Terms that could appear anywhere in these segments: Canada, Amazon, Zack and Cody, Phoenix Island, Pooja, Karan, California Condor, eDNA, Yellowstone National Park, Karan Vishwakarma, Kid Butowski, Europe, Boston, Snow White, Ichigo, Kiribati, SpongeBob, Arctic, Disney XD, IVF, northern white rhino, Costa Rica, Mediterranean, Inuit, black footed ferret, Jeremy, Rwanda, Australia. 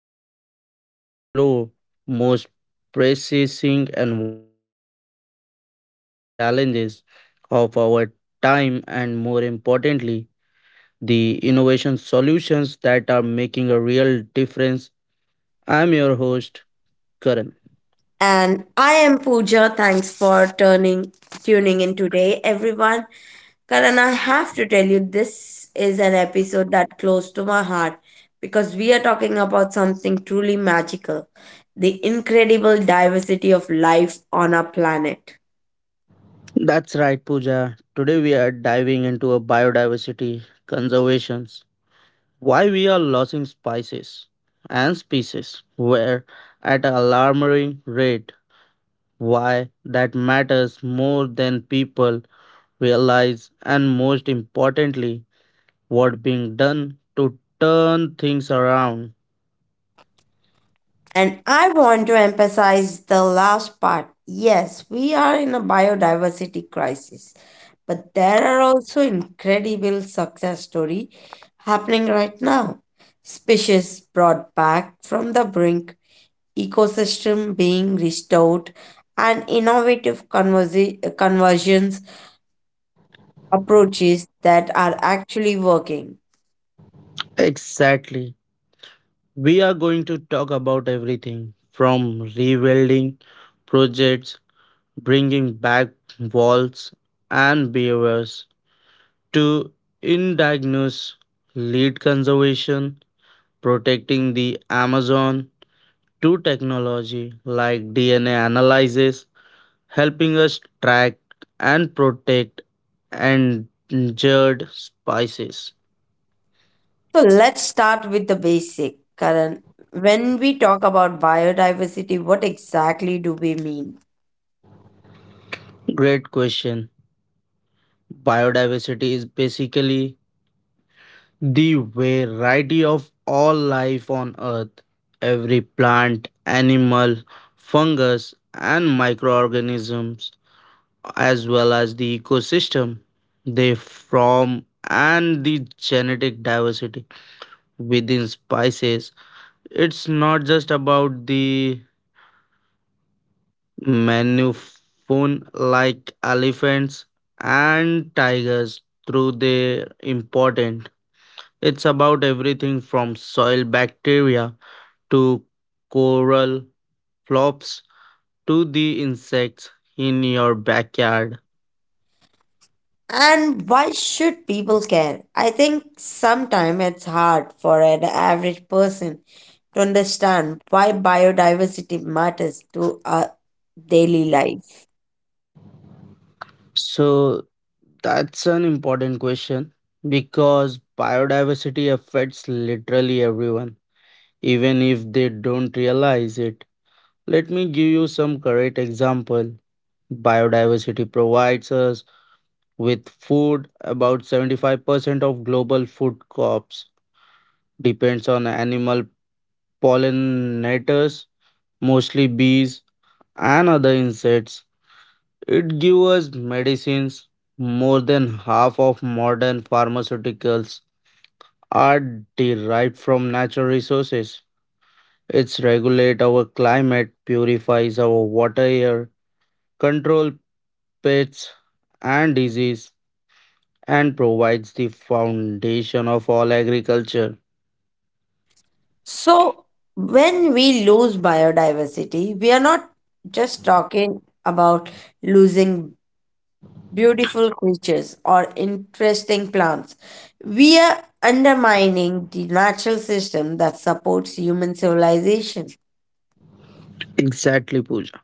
podcast where we explore most pressing environmental challenges of our time and more importantly, the innovation solutions that are making a real difference. I'm your host, Karan. And I am Pooja. Thanks for turning tuning in today, everyone. Karan, I have to tell you, this is an episode that close to my heart because we are talking about something truly magical, the incredible diversity of life on our planet. That's right, Pooja. Today we are diving into a biodiversity conservations, why we are losing species where at an alarming rate, why that matters more than people realize, and most importantly, what being done to turn things around. And I want to emphasize the last part. Yes, we are in a biodiversity crisis, but there are also incredible success story happening right now. Species brought back from the brink, ecosystem being restored, and innovative conversions approaches that are actually working. Exactly. We are going to talk about everything from rebuilding projects, bringing back walls and beavers, to indigenous lead conservation, protecting the Amazon, to technology like DNA analysis, helping us track and protect endangered species. So let's start with the basic, Karan. When we talk about biodiversity, what exactly do we mean? Great question. Biodiversity is basically the variety of all life on earth, every plant, animal, fungus, and microorganisms, as well as the ecosystem they form, and the genetic diversity within species. It's not just about the mammophone like elephants and tigers, through their important. It's about everything from soil bacteria to coral flops to the insects in your backyard. And why should people care? I think sometimes it's hard for an average person to understand why biodiversity matters to our daily life. So that's an important question because biodiversity affects literally everyone, even if they don't realize it. Let me give you some correct example. Biodiversity provides us with food. About 75% of global food crops depends on animal pollinators, mostly bees, and other insects. It gives us medicines. More than half of modern pharmaceuticals are derived from natural resources. It regulates our climate, purifies our water, air, controls pests and disease, and provides the foundation of all agriculture. So, when we lose biodiversity, we are not just talking about losing beautiful creatures, or interesting plants. We are undermining the natural system that supports human civilization. Exactly, Pooja.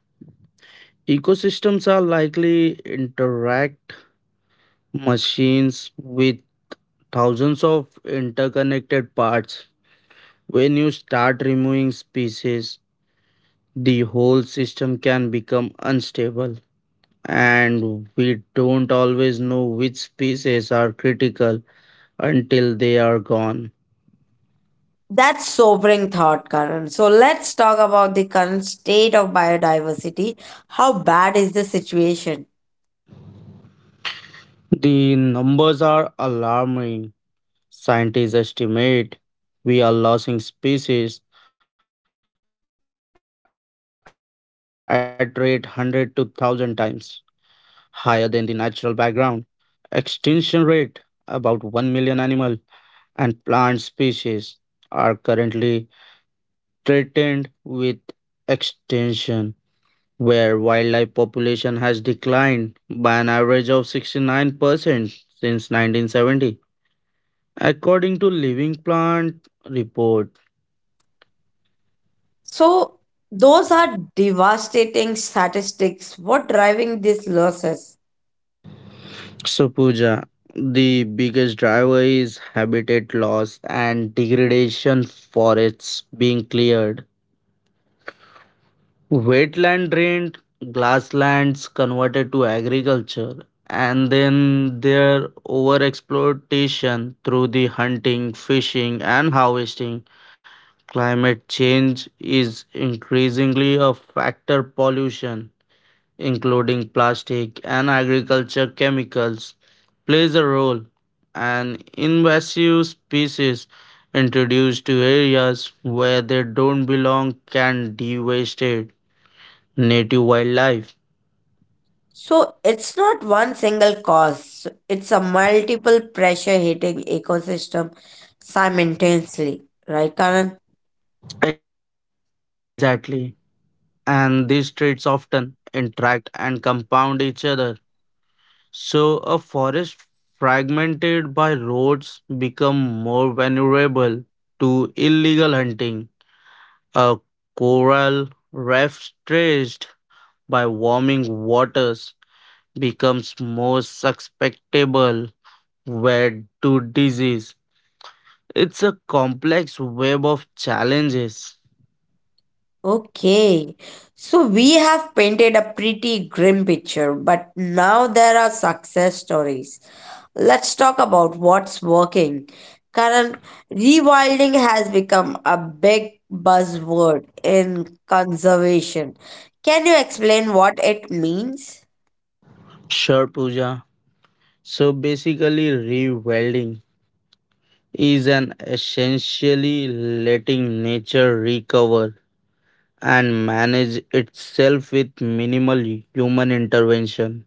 Ecosystems are likely interact machines with thousands of interconnected parts. When you start removing species, the whole system can become unstable, and we don't always know which species are critical until they are gone. That's sobering thought, Karan. So let's talk about the current state of biodiversity. How bad is the situation? The numbers are alarming. Scientists estimate we are losing species at rate 100 to 1000 times higher than the natural background. Extinction rate about 1 million animal and plant species are currently threatened with extinction, where wildlife population has declined by an average of 69% since 1970. According to Living Plant report, So those are devastating statistics. What driving these losses? so Pooja, the biggest driver is habitat loss and degradation forests being cleared, wetland drained, grasslands converted to agriculture, and then their overexploitation through the hunting, fishing, and harvesting. Climate change is increasingly a factor pollution, including plastic and agriculture chemicals, plays a role. And invasive species introduced to areas where they don't belong can devastate native wildlife. So it's not one single cause, it's a multiple pressure hitting ecosystem simultaneously, right, Karan? Exactly. And these traits often interact and compound each other. So a forest fragmented by roads become more vulnerable to illegal hunting. A coral reef stretched by warming waters becomes more susceptible wet to disease. It's a complex web of challenges. Okay, so we have painted a pretty grim picture, but now there are success stories. Let's talk about what's working. Karan, rewilding has become a big buzzword in conservation. Can you explain what it means? Sure, Pooja. So basically, rewelding is an essentially letting nature recover and manage itself with minimal human intervention.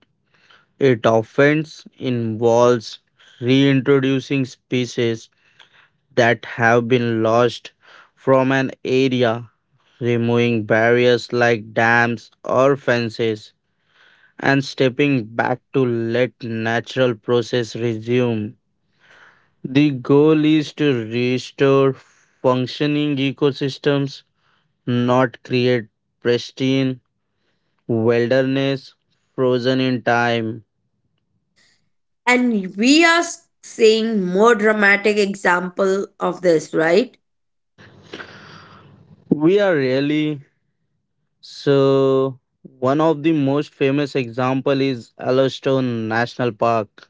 It often involves reintroducing species that have been lost from an area, removing barriers like dams or fences, and stepping back to let natural process resume. The goal is to restore functioning ecosystems, not create pristine wilderness frozen in time. And we are seeing more dramatic example of this, right? We are really so one of the most famous example is Yellowstone National Park.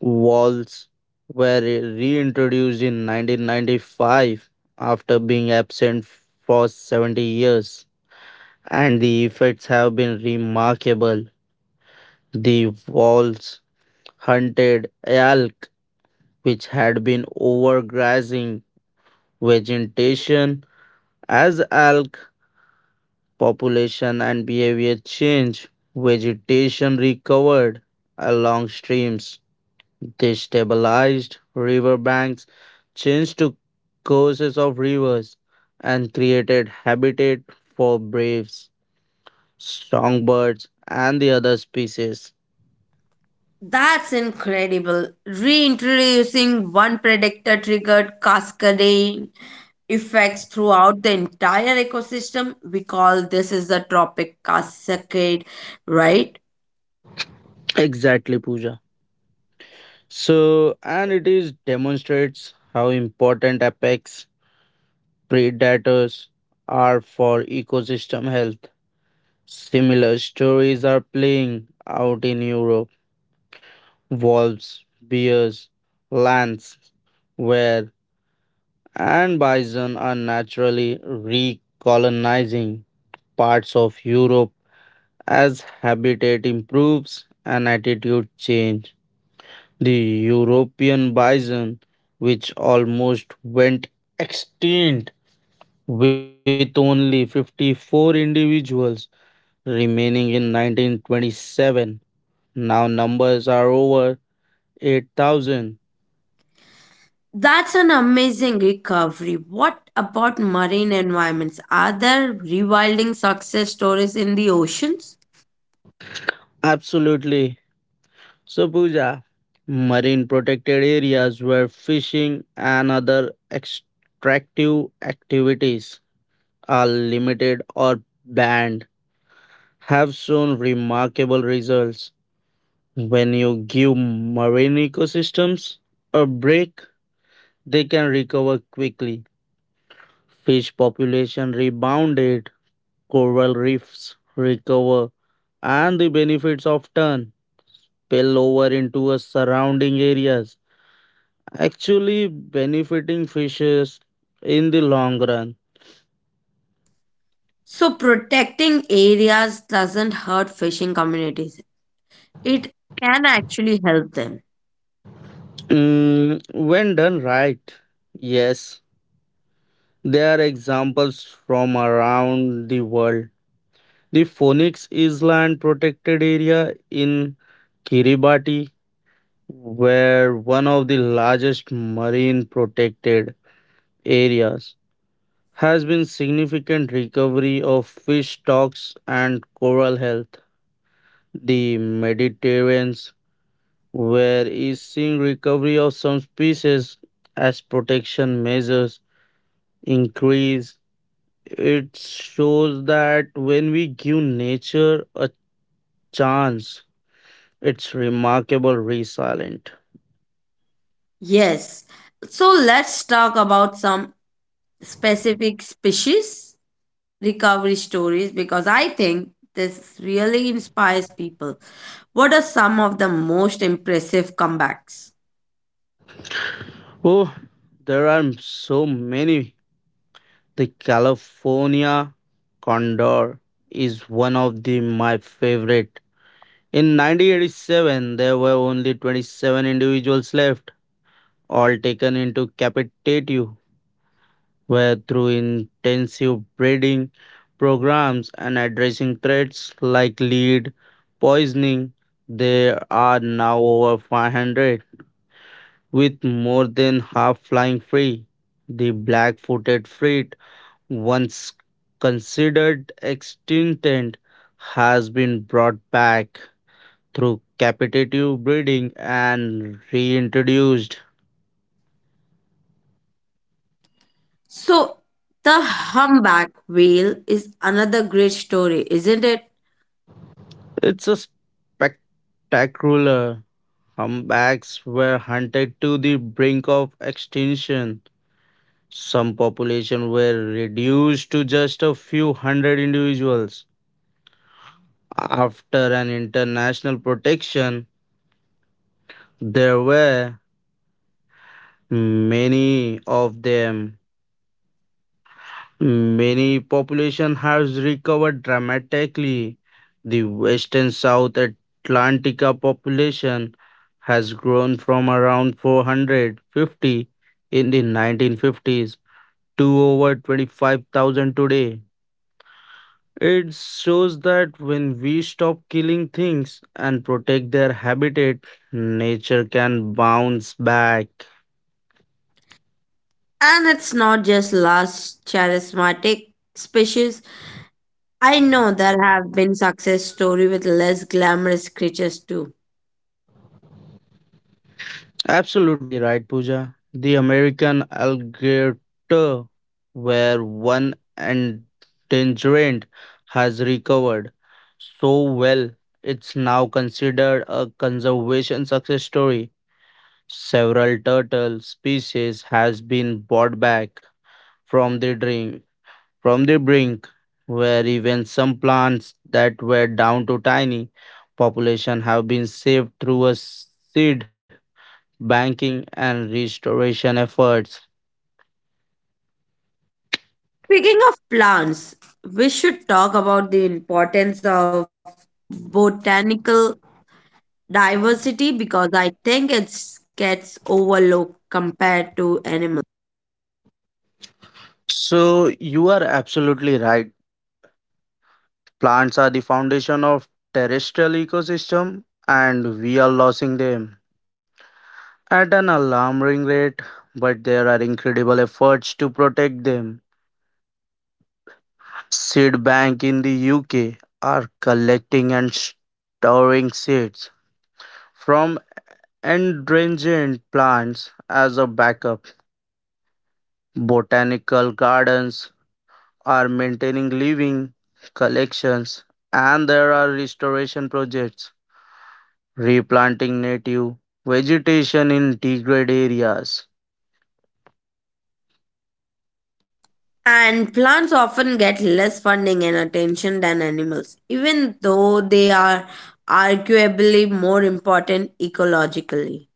Walls were reintroduced in 1995 after being absent for 70 years and the effects have been remarkable. The walls hunted elk, which had been overgrazing vegetation. As elk population and behavior changed, vegetation recovered along streams, destabilized stabilized riverbanks, changed to courses of rivers, and created habitat for braves, songbirds, and the other species. That's incredible. Reintroducing one predictor triggered cascading effects throughout the entire ecosystem. We call this is the tropic cascade, right? Exactly, Pooja. So, and it is demonstrates how important apex predators are for ecosystem health. Similar stories are playing out in Europe. Wolves, bears, lions, where and bison are naturally recolonizing parts of Europe as habitat improves and attitude change. The European bison, which almost went extinct with only 54 individuals remaining in 1927, now numbers are over 8,000. That's an amazing recovery. What about marine environments? Are there rewilding success stories in the oceans? Absolutely. So, Pooja, marine protected areas where fishing and other extractive activities are limited or banned have shown remarkable results. When you give marine ecosystems a break, they can recover quickly. Fish population rebounded, coral reefs recover, and the benefits often spill over into a surrounding areas, actually benefiting fishes in the long run. So protecting areas doesn't hurt fishing communities. It can actually help them. Mm, when done right, yes, there are examples from around the world. The Phoenix Island protected area in Kiribati where one of the largest marine protected areas has been significant recovery of fish stocks and coral health. The Mediterranean where is seeing recovery of some species as protection measures increase. It shows that when we give nature a chance it's remarkable resilient. Yes. So let's talk about some specific species recovery stories because I think this really inspires people. What are some of the most impressive comebacks? Oh, there are so many. The California Condor is one of the my favorite. In 1987, there were only 27 individuals left, all taken into captivity, where through intensive breeding programs and addressing threats like lead poisoning, there are now over 500, with more than half flying free. The black footed frit, once considered extinct, has been brought back through capitative breeding and reintroduced. So the humpback whale is another great story, isn't it? It's a spectacular. Humpbacks were hunted to the brink of extinction. Some populations were reduced to just a few hundred individuals. After an international protection, there were many of them. Many population has recovered dramatically. The western South Atlantica population has grown from around 450 in the 1950s to over 25,000 today. It shows that when we stop killing things and protect their habitat, nature can bounce back. And it's not just last charismatic species. I know there have been success story with less glamorous creatures too. Absolutely right, Pooja. The American alligator, where one endangered, has recovered so well, it's now considered a conservation success story. Several turtle species has been brought back from the drink, from the brink, where even some plants that were down to tiny population have been saved through a seed banking, and restoration efforts. Speaking of plants, we should talk about the importance of botanical diversity because I think it gets overlooked compared to animals. So you are absolutely right. Plants are the foundation of terrestrial ecosystem and we are losing them at an alarming rate, but there are incredible efforts to protect them. Seed bank in the UK are collecting and storing seeds from endangered plants as a backup. Botanical gardens are maintaining living collections and there are restoration projects replanting native vegetation in degraded areas. And plants often get less funding and attention than animals, even though they are arguably more important ecologically.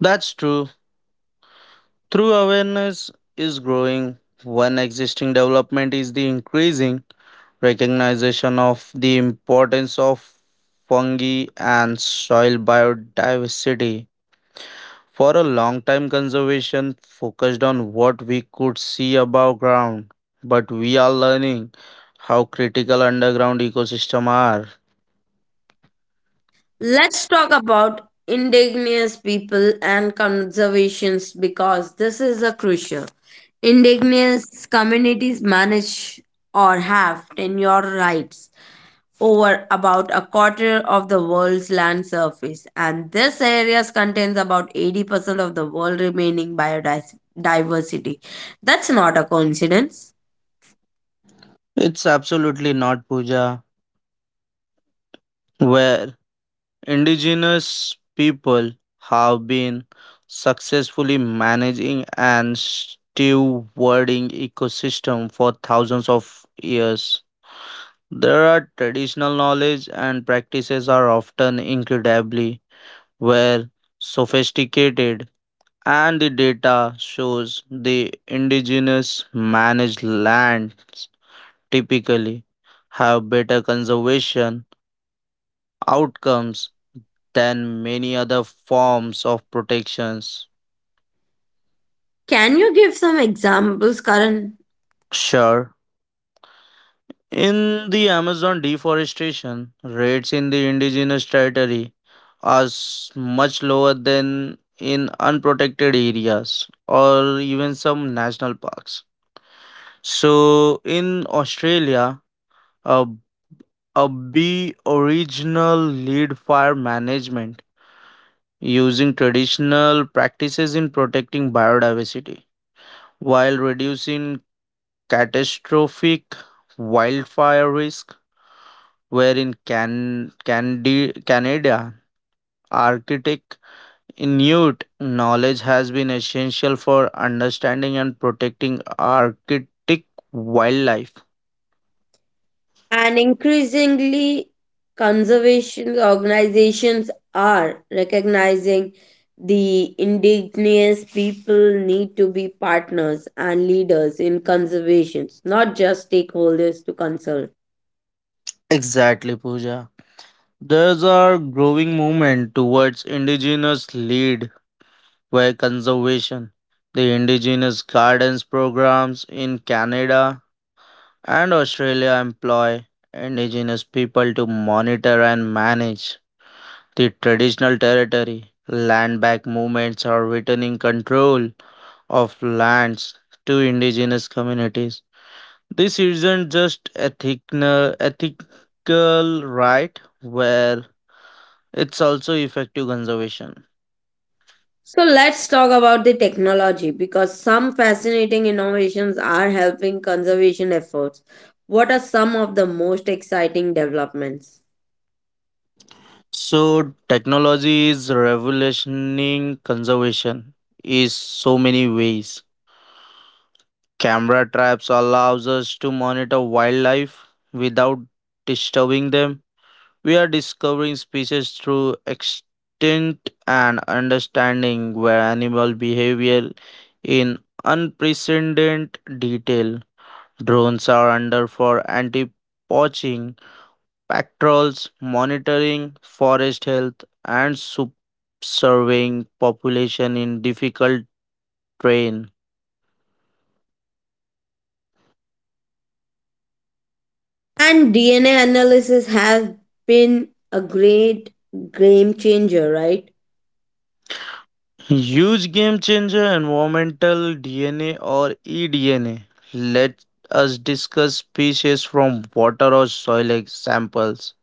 That's true. Through awareness is growing, one existing development is the increasing recognition of the importance of fungi and soil biodiversity. For a long time, conservation focused on what we could see above ground, but we are learning how critical underground ecosystems are. Let's talk about indigenous people and conservations because this is a crucial. Indigenous communities manage or have tenure rights over about a quarter of the world's land surface and this areas contains about 80% of the world remaining biodiversity. That's not a coincidence. It's absolutely not Puja, where indigenous people have been successfully managing and stewarding ecosystem for thousands of years. There are traditional knowledge and practices are often incredibly were sophisticated and the data shows the indigenous managed lands typically have better conservation outcomes than many other forms of protections. Can you give some examples, Karan? Sure, in the Amazon deforestation, rates in the indigenous territory are much lower than in unprotected areas or even some national parks. So in Australia, a, a B original lead fire management using traditional practices in protecting biodiversity while reducing catastrophic wildfire risk where in Canada Arctic Inuit knowledge has been essential for understanding and protecting Arctic wildlife. And increasingly, conservation organizations are recognizing the indigenous people need to be partners and leaders in conservations, not just stakeholders to consult. Exactly, Pooja. There's a growing movement towards indigenous lead by conservation. The indigenous gardens programs in Canada and Australia employ indigenous people to monitor and manage the traditional territory. Land back movements are returning control of lands to indigenous communities. This isn't just ethical right where it's also effective conservation. So let's talk about the technology because some fascinating innovations are helping conservation efforts. What are some of the most exciting developments? So technology is revolutionizing conservation is so many ways. Camera traps allows us to monitor wildlife without disturbing them. We are discovering species through extinct and understanding where animal behavior in unprecedented detail. Drones are under for anti poaching patrols, monitoring forest health, and subserving population in difficult terrain. And DNA analysis has been a great game changer, right? Huge game changer environmental DNA or eDNA. Let us discuss species from water or soil samples.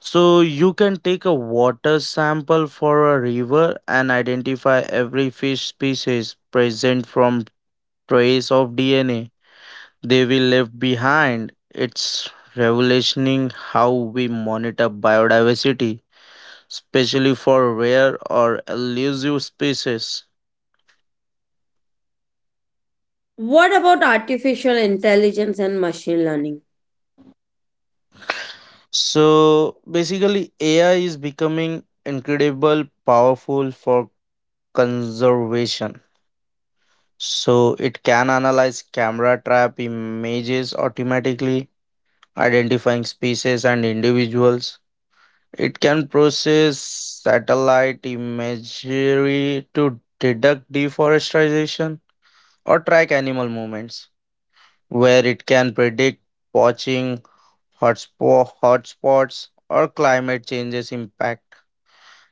So you can take a water sample for a river and identify every fish species present from trace of DNA they will left behind. It's revolutioning how we monitor biodiversity, especially for rare or elusive species. What about artificial intelligence and machine learning? So basically, AI is becoming incredible powerful for conservation. So it can analyze camera trap images automatically, identifying species and individuals. It can process satellite imagery to detect deforestation or track animal movements, where it can predict poaching, hotspots, or climate change's impact.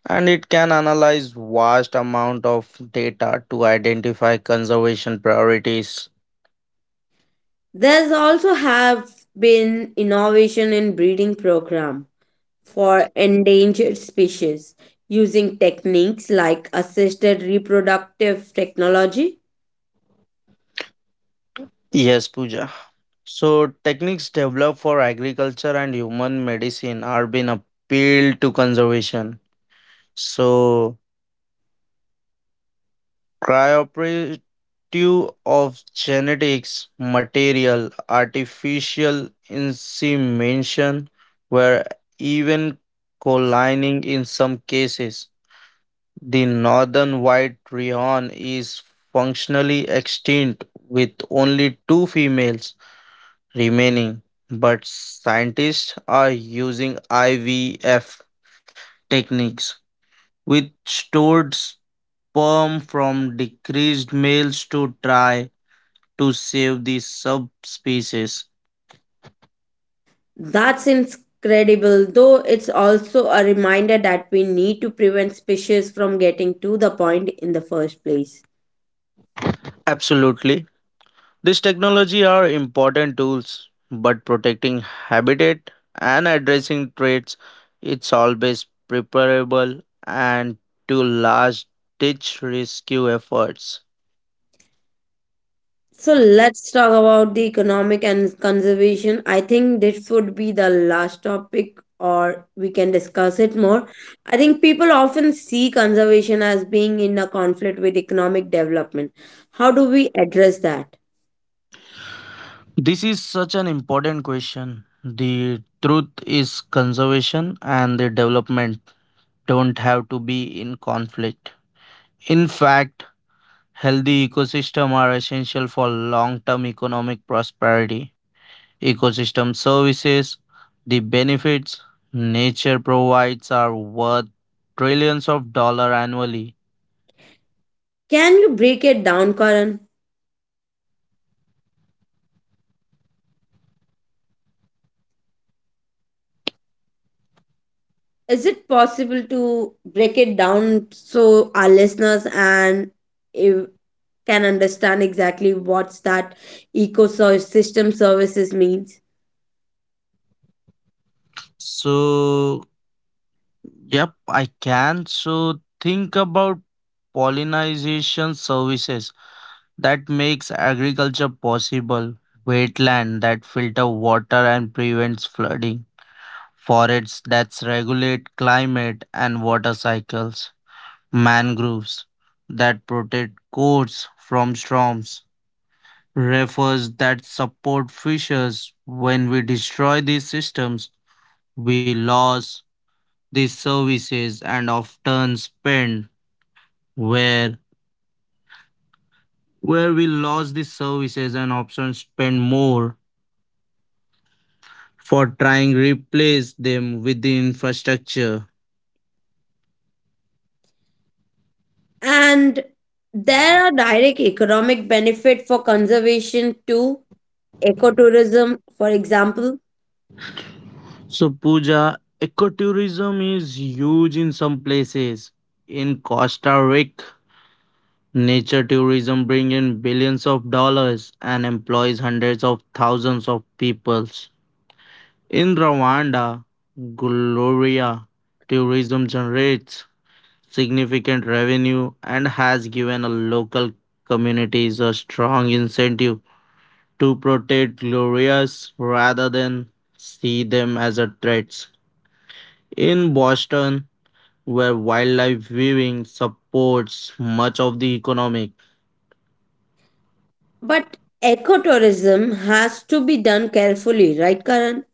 And it can analyze vast amount of data to identify conservation priorities. There's also have been innovation in breeding program for endangered species using techniques like assisted reproductive technology. Yes, Pooja. So techniques developed for agriculture and human medicine are being appealed to conservation. So Cryoperative of genetics, material, artificial insemination were even collining in some cases. The northern white rayon is functionally extinct with only 2 females remaining, but scientists are using IVF techniques, which stored sperm from decreased males to try to save the subspecies. That's incredible, though it's also a reminder that we need to prevent species from getting to the point in the first place. Absolutely. These technology are important tools, but protecting habitat and addressing threats it's always preferable and to large ditch rescue efforts. So let's talk about the economic and conservation. I think this would be the last topic, or we can discuss it more. I think people often see conservation as being in a conflict with economic development. How do we address that? This is such an important question. The truth is, conservation and the development don't have to be in conflict. In fact, healthy ecosystems are essential for long-term economic prosperity. Ecosystem services, the benefits nature provides are worth trillions of dollars annually. Can you break it down, Karan? Is it possible to break it down so our listeners and if, can understand exactly what's that ecosystem services means? So, yep, I can. So, think about pollination services that makes agriculture possible, wetland that filter water and prevents flooding, forests that regulate climate and water cycles mangroves that protect coasts from storms, rivers that support fishers. When we destroy these systems, we lose these services and often spend where where we lose these services and often spend more for trying replace them with the infrastructure. And there are direct economic benefit for conservation to ecotourism, for example. So Pooja, ecotourism is huge in some places. In Costa Rica, nature tourism brings in billions of dollars and employs hundreds of thousands of people. In Rwanda, Gloria, tourism generates significant revenue and has given a local communities a strong incentive to protect Glorias rather than see them as a threat. In Boston, where wildlife viewing supports much of the economic. But ecotourism has to be done carefully, right, Karan?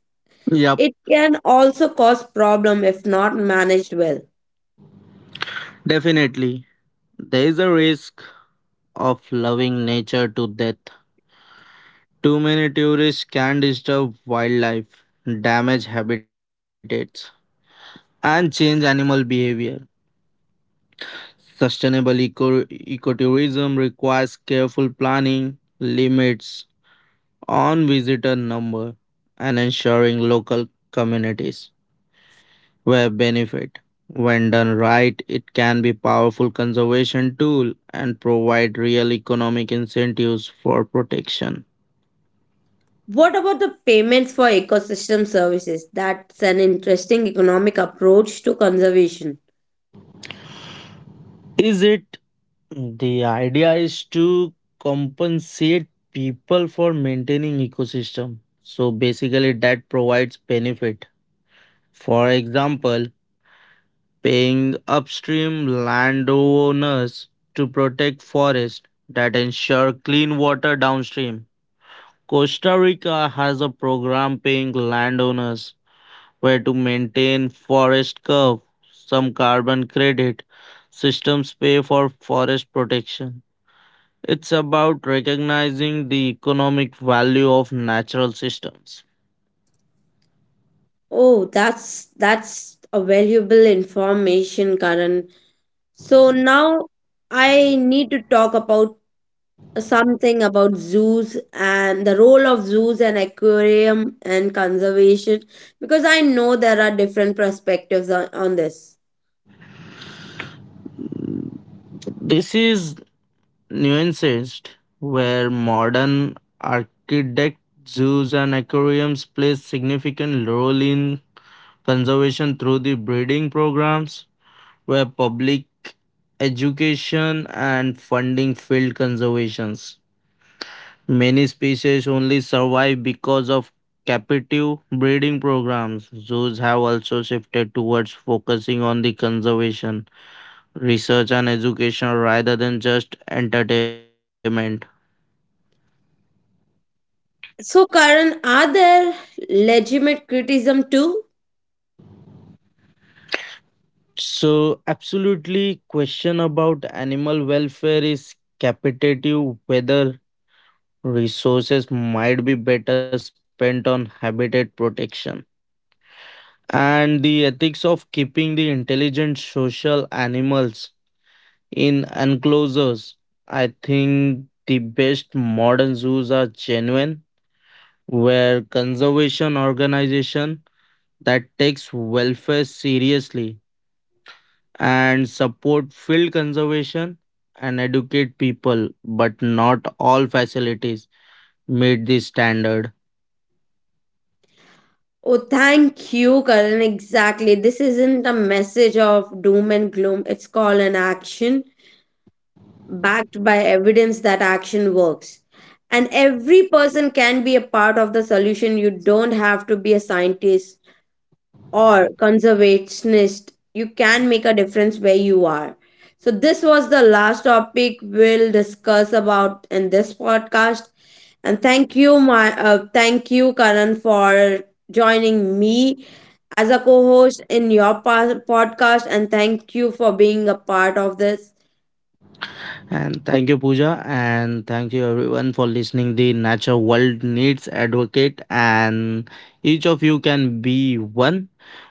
Yep, It can also cause problem if not managed well. definitely. There is a risk of loving nature to death. Too many tourists can disturb wildlife, damage habitats, and change animal behavior. Sustainable ecotourism requires careful planning, limits on visitor number, and ensuring local communities where benefit. When done right, it can be powerful conservation tool and provide real economic incentives for protection. What about the payments for ecosystem services? That's an interesting economic approach to conservation. Is it the idea is to compensate people for maintaining ecosystem? So basically that provides benefit. For example, paying upstream landowners to protect forest that ensure clean water downstream. Costa Rica has a program paying landowners where to maintain forest curve, some carbon credit systems pay for forest protection. It's about recognizing the economic value of natural systems. Oh, that's a valuable information, Karan. So now I need to talk about something about zoos and the role of zoos and aquarium and conservation because I know there are different perspectives on, this. This is nuanced, where modern architects zoos and aquariums play significant role in conservation through the breeding programs, where public education and funding field conservations. Many species only survive because of captive breeding programs. Zoos have also shifted towards focusing on the conservation, research, and education rather than just entertainment. So Karan, are there legitimate criticism too? So, absolutely, question about animal welfare is capitative whether resources might be better spent on habitat protection and the ethics of keeping the intelligent social animals in enclosures, I think the best modern zoos are genuine, where conservation organization that takes welfare seriously and support field conservation and educate people, but not all facilities meet the standard. Oh, thank you, Karan. Exactly. This isn't a message of doom and gloom. It's called an action. Backed by evidence that action works. And every person can be a part of the solution. You don't have to be a scientist or conservationist. You can make a difference where you are. So, this was the last topic we'll discuss about in this podcast. And thank you, Karan, for joining me as a co-host in your podcast. And thank you for being a part of this. And thank you, Pooja. And thank you, everyone, for listening. The nature world needs advocate, and each of you can be one.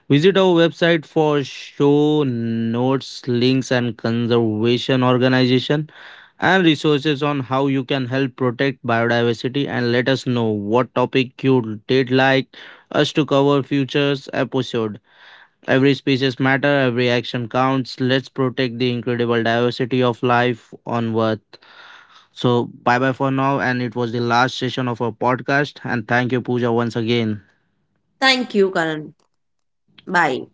Visit our website for show notes, links, and conservation organization and resources on how you can help protect biodiversity. And let us know what topic you did like us to cover futures episode. Every species matter, every action counts. Let's protect the incredible diversity of life on earth. So, bye bye for now. And it was the last session of our podcast. And thank you, Pooja, once again. Thank you, Karan. Bye.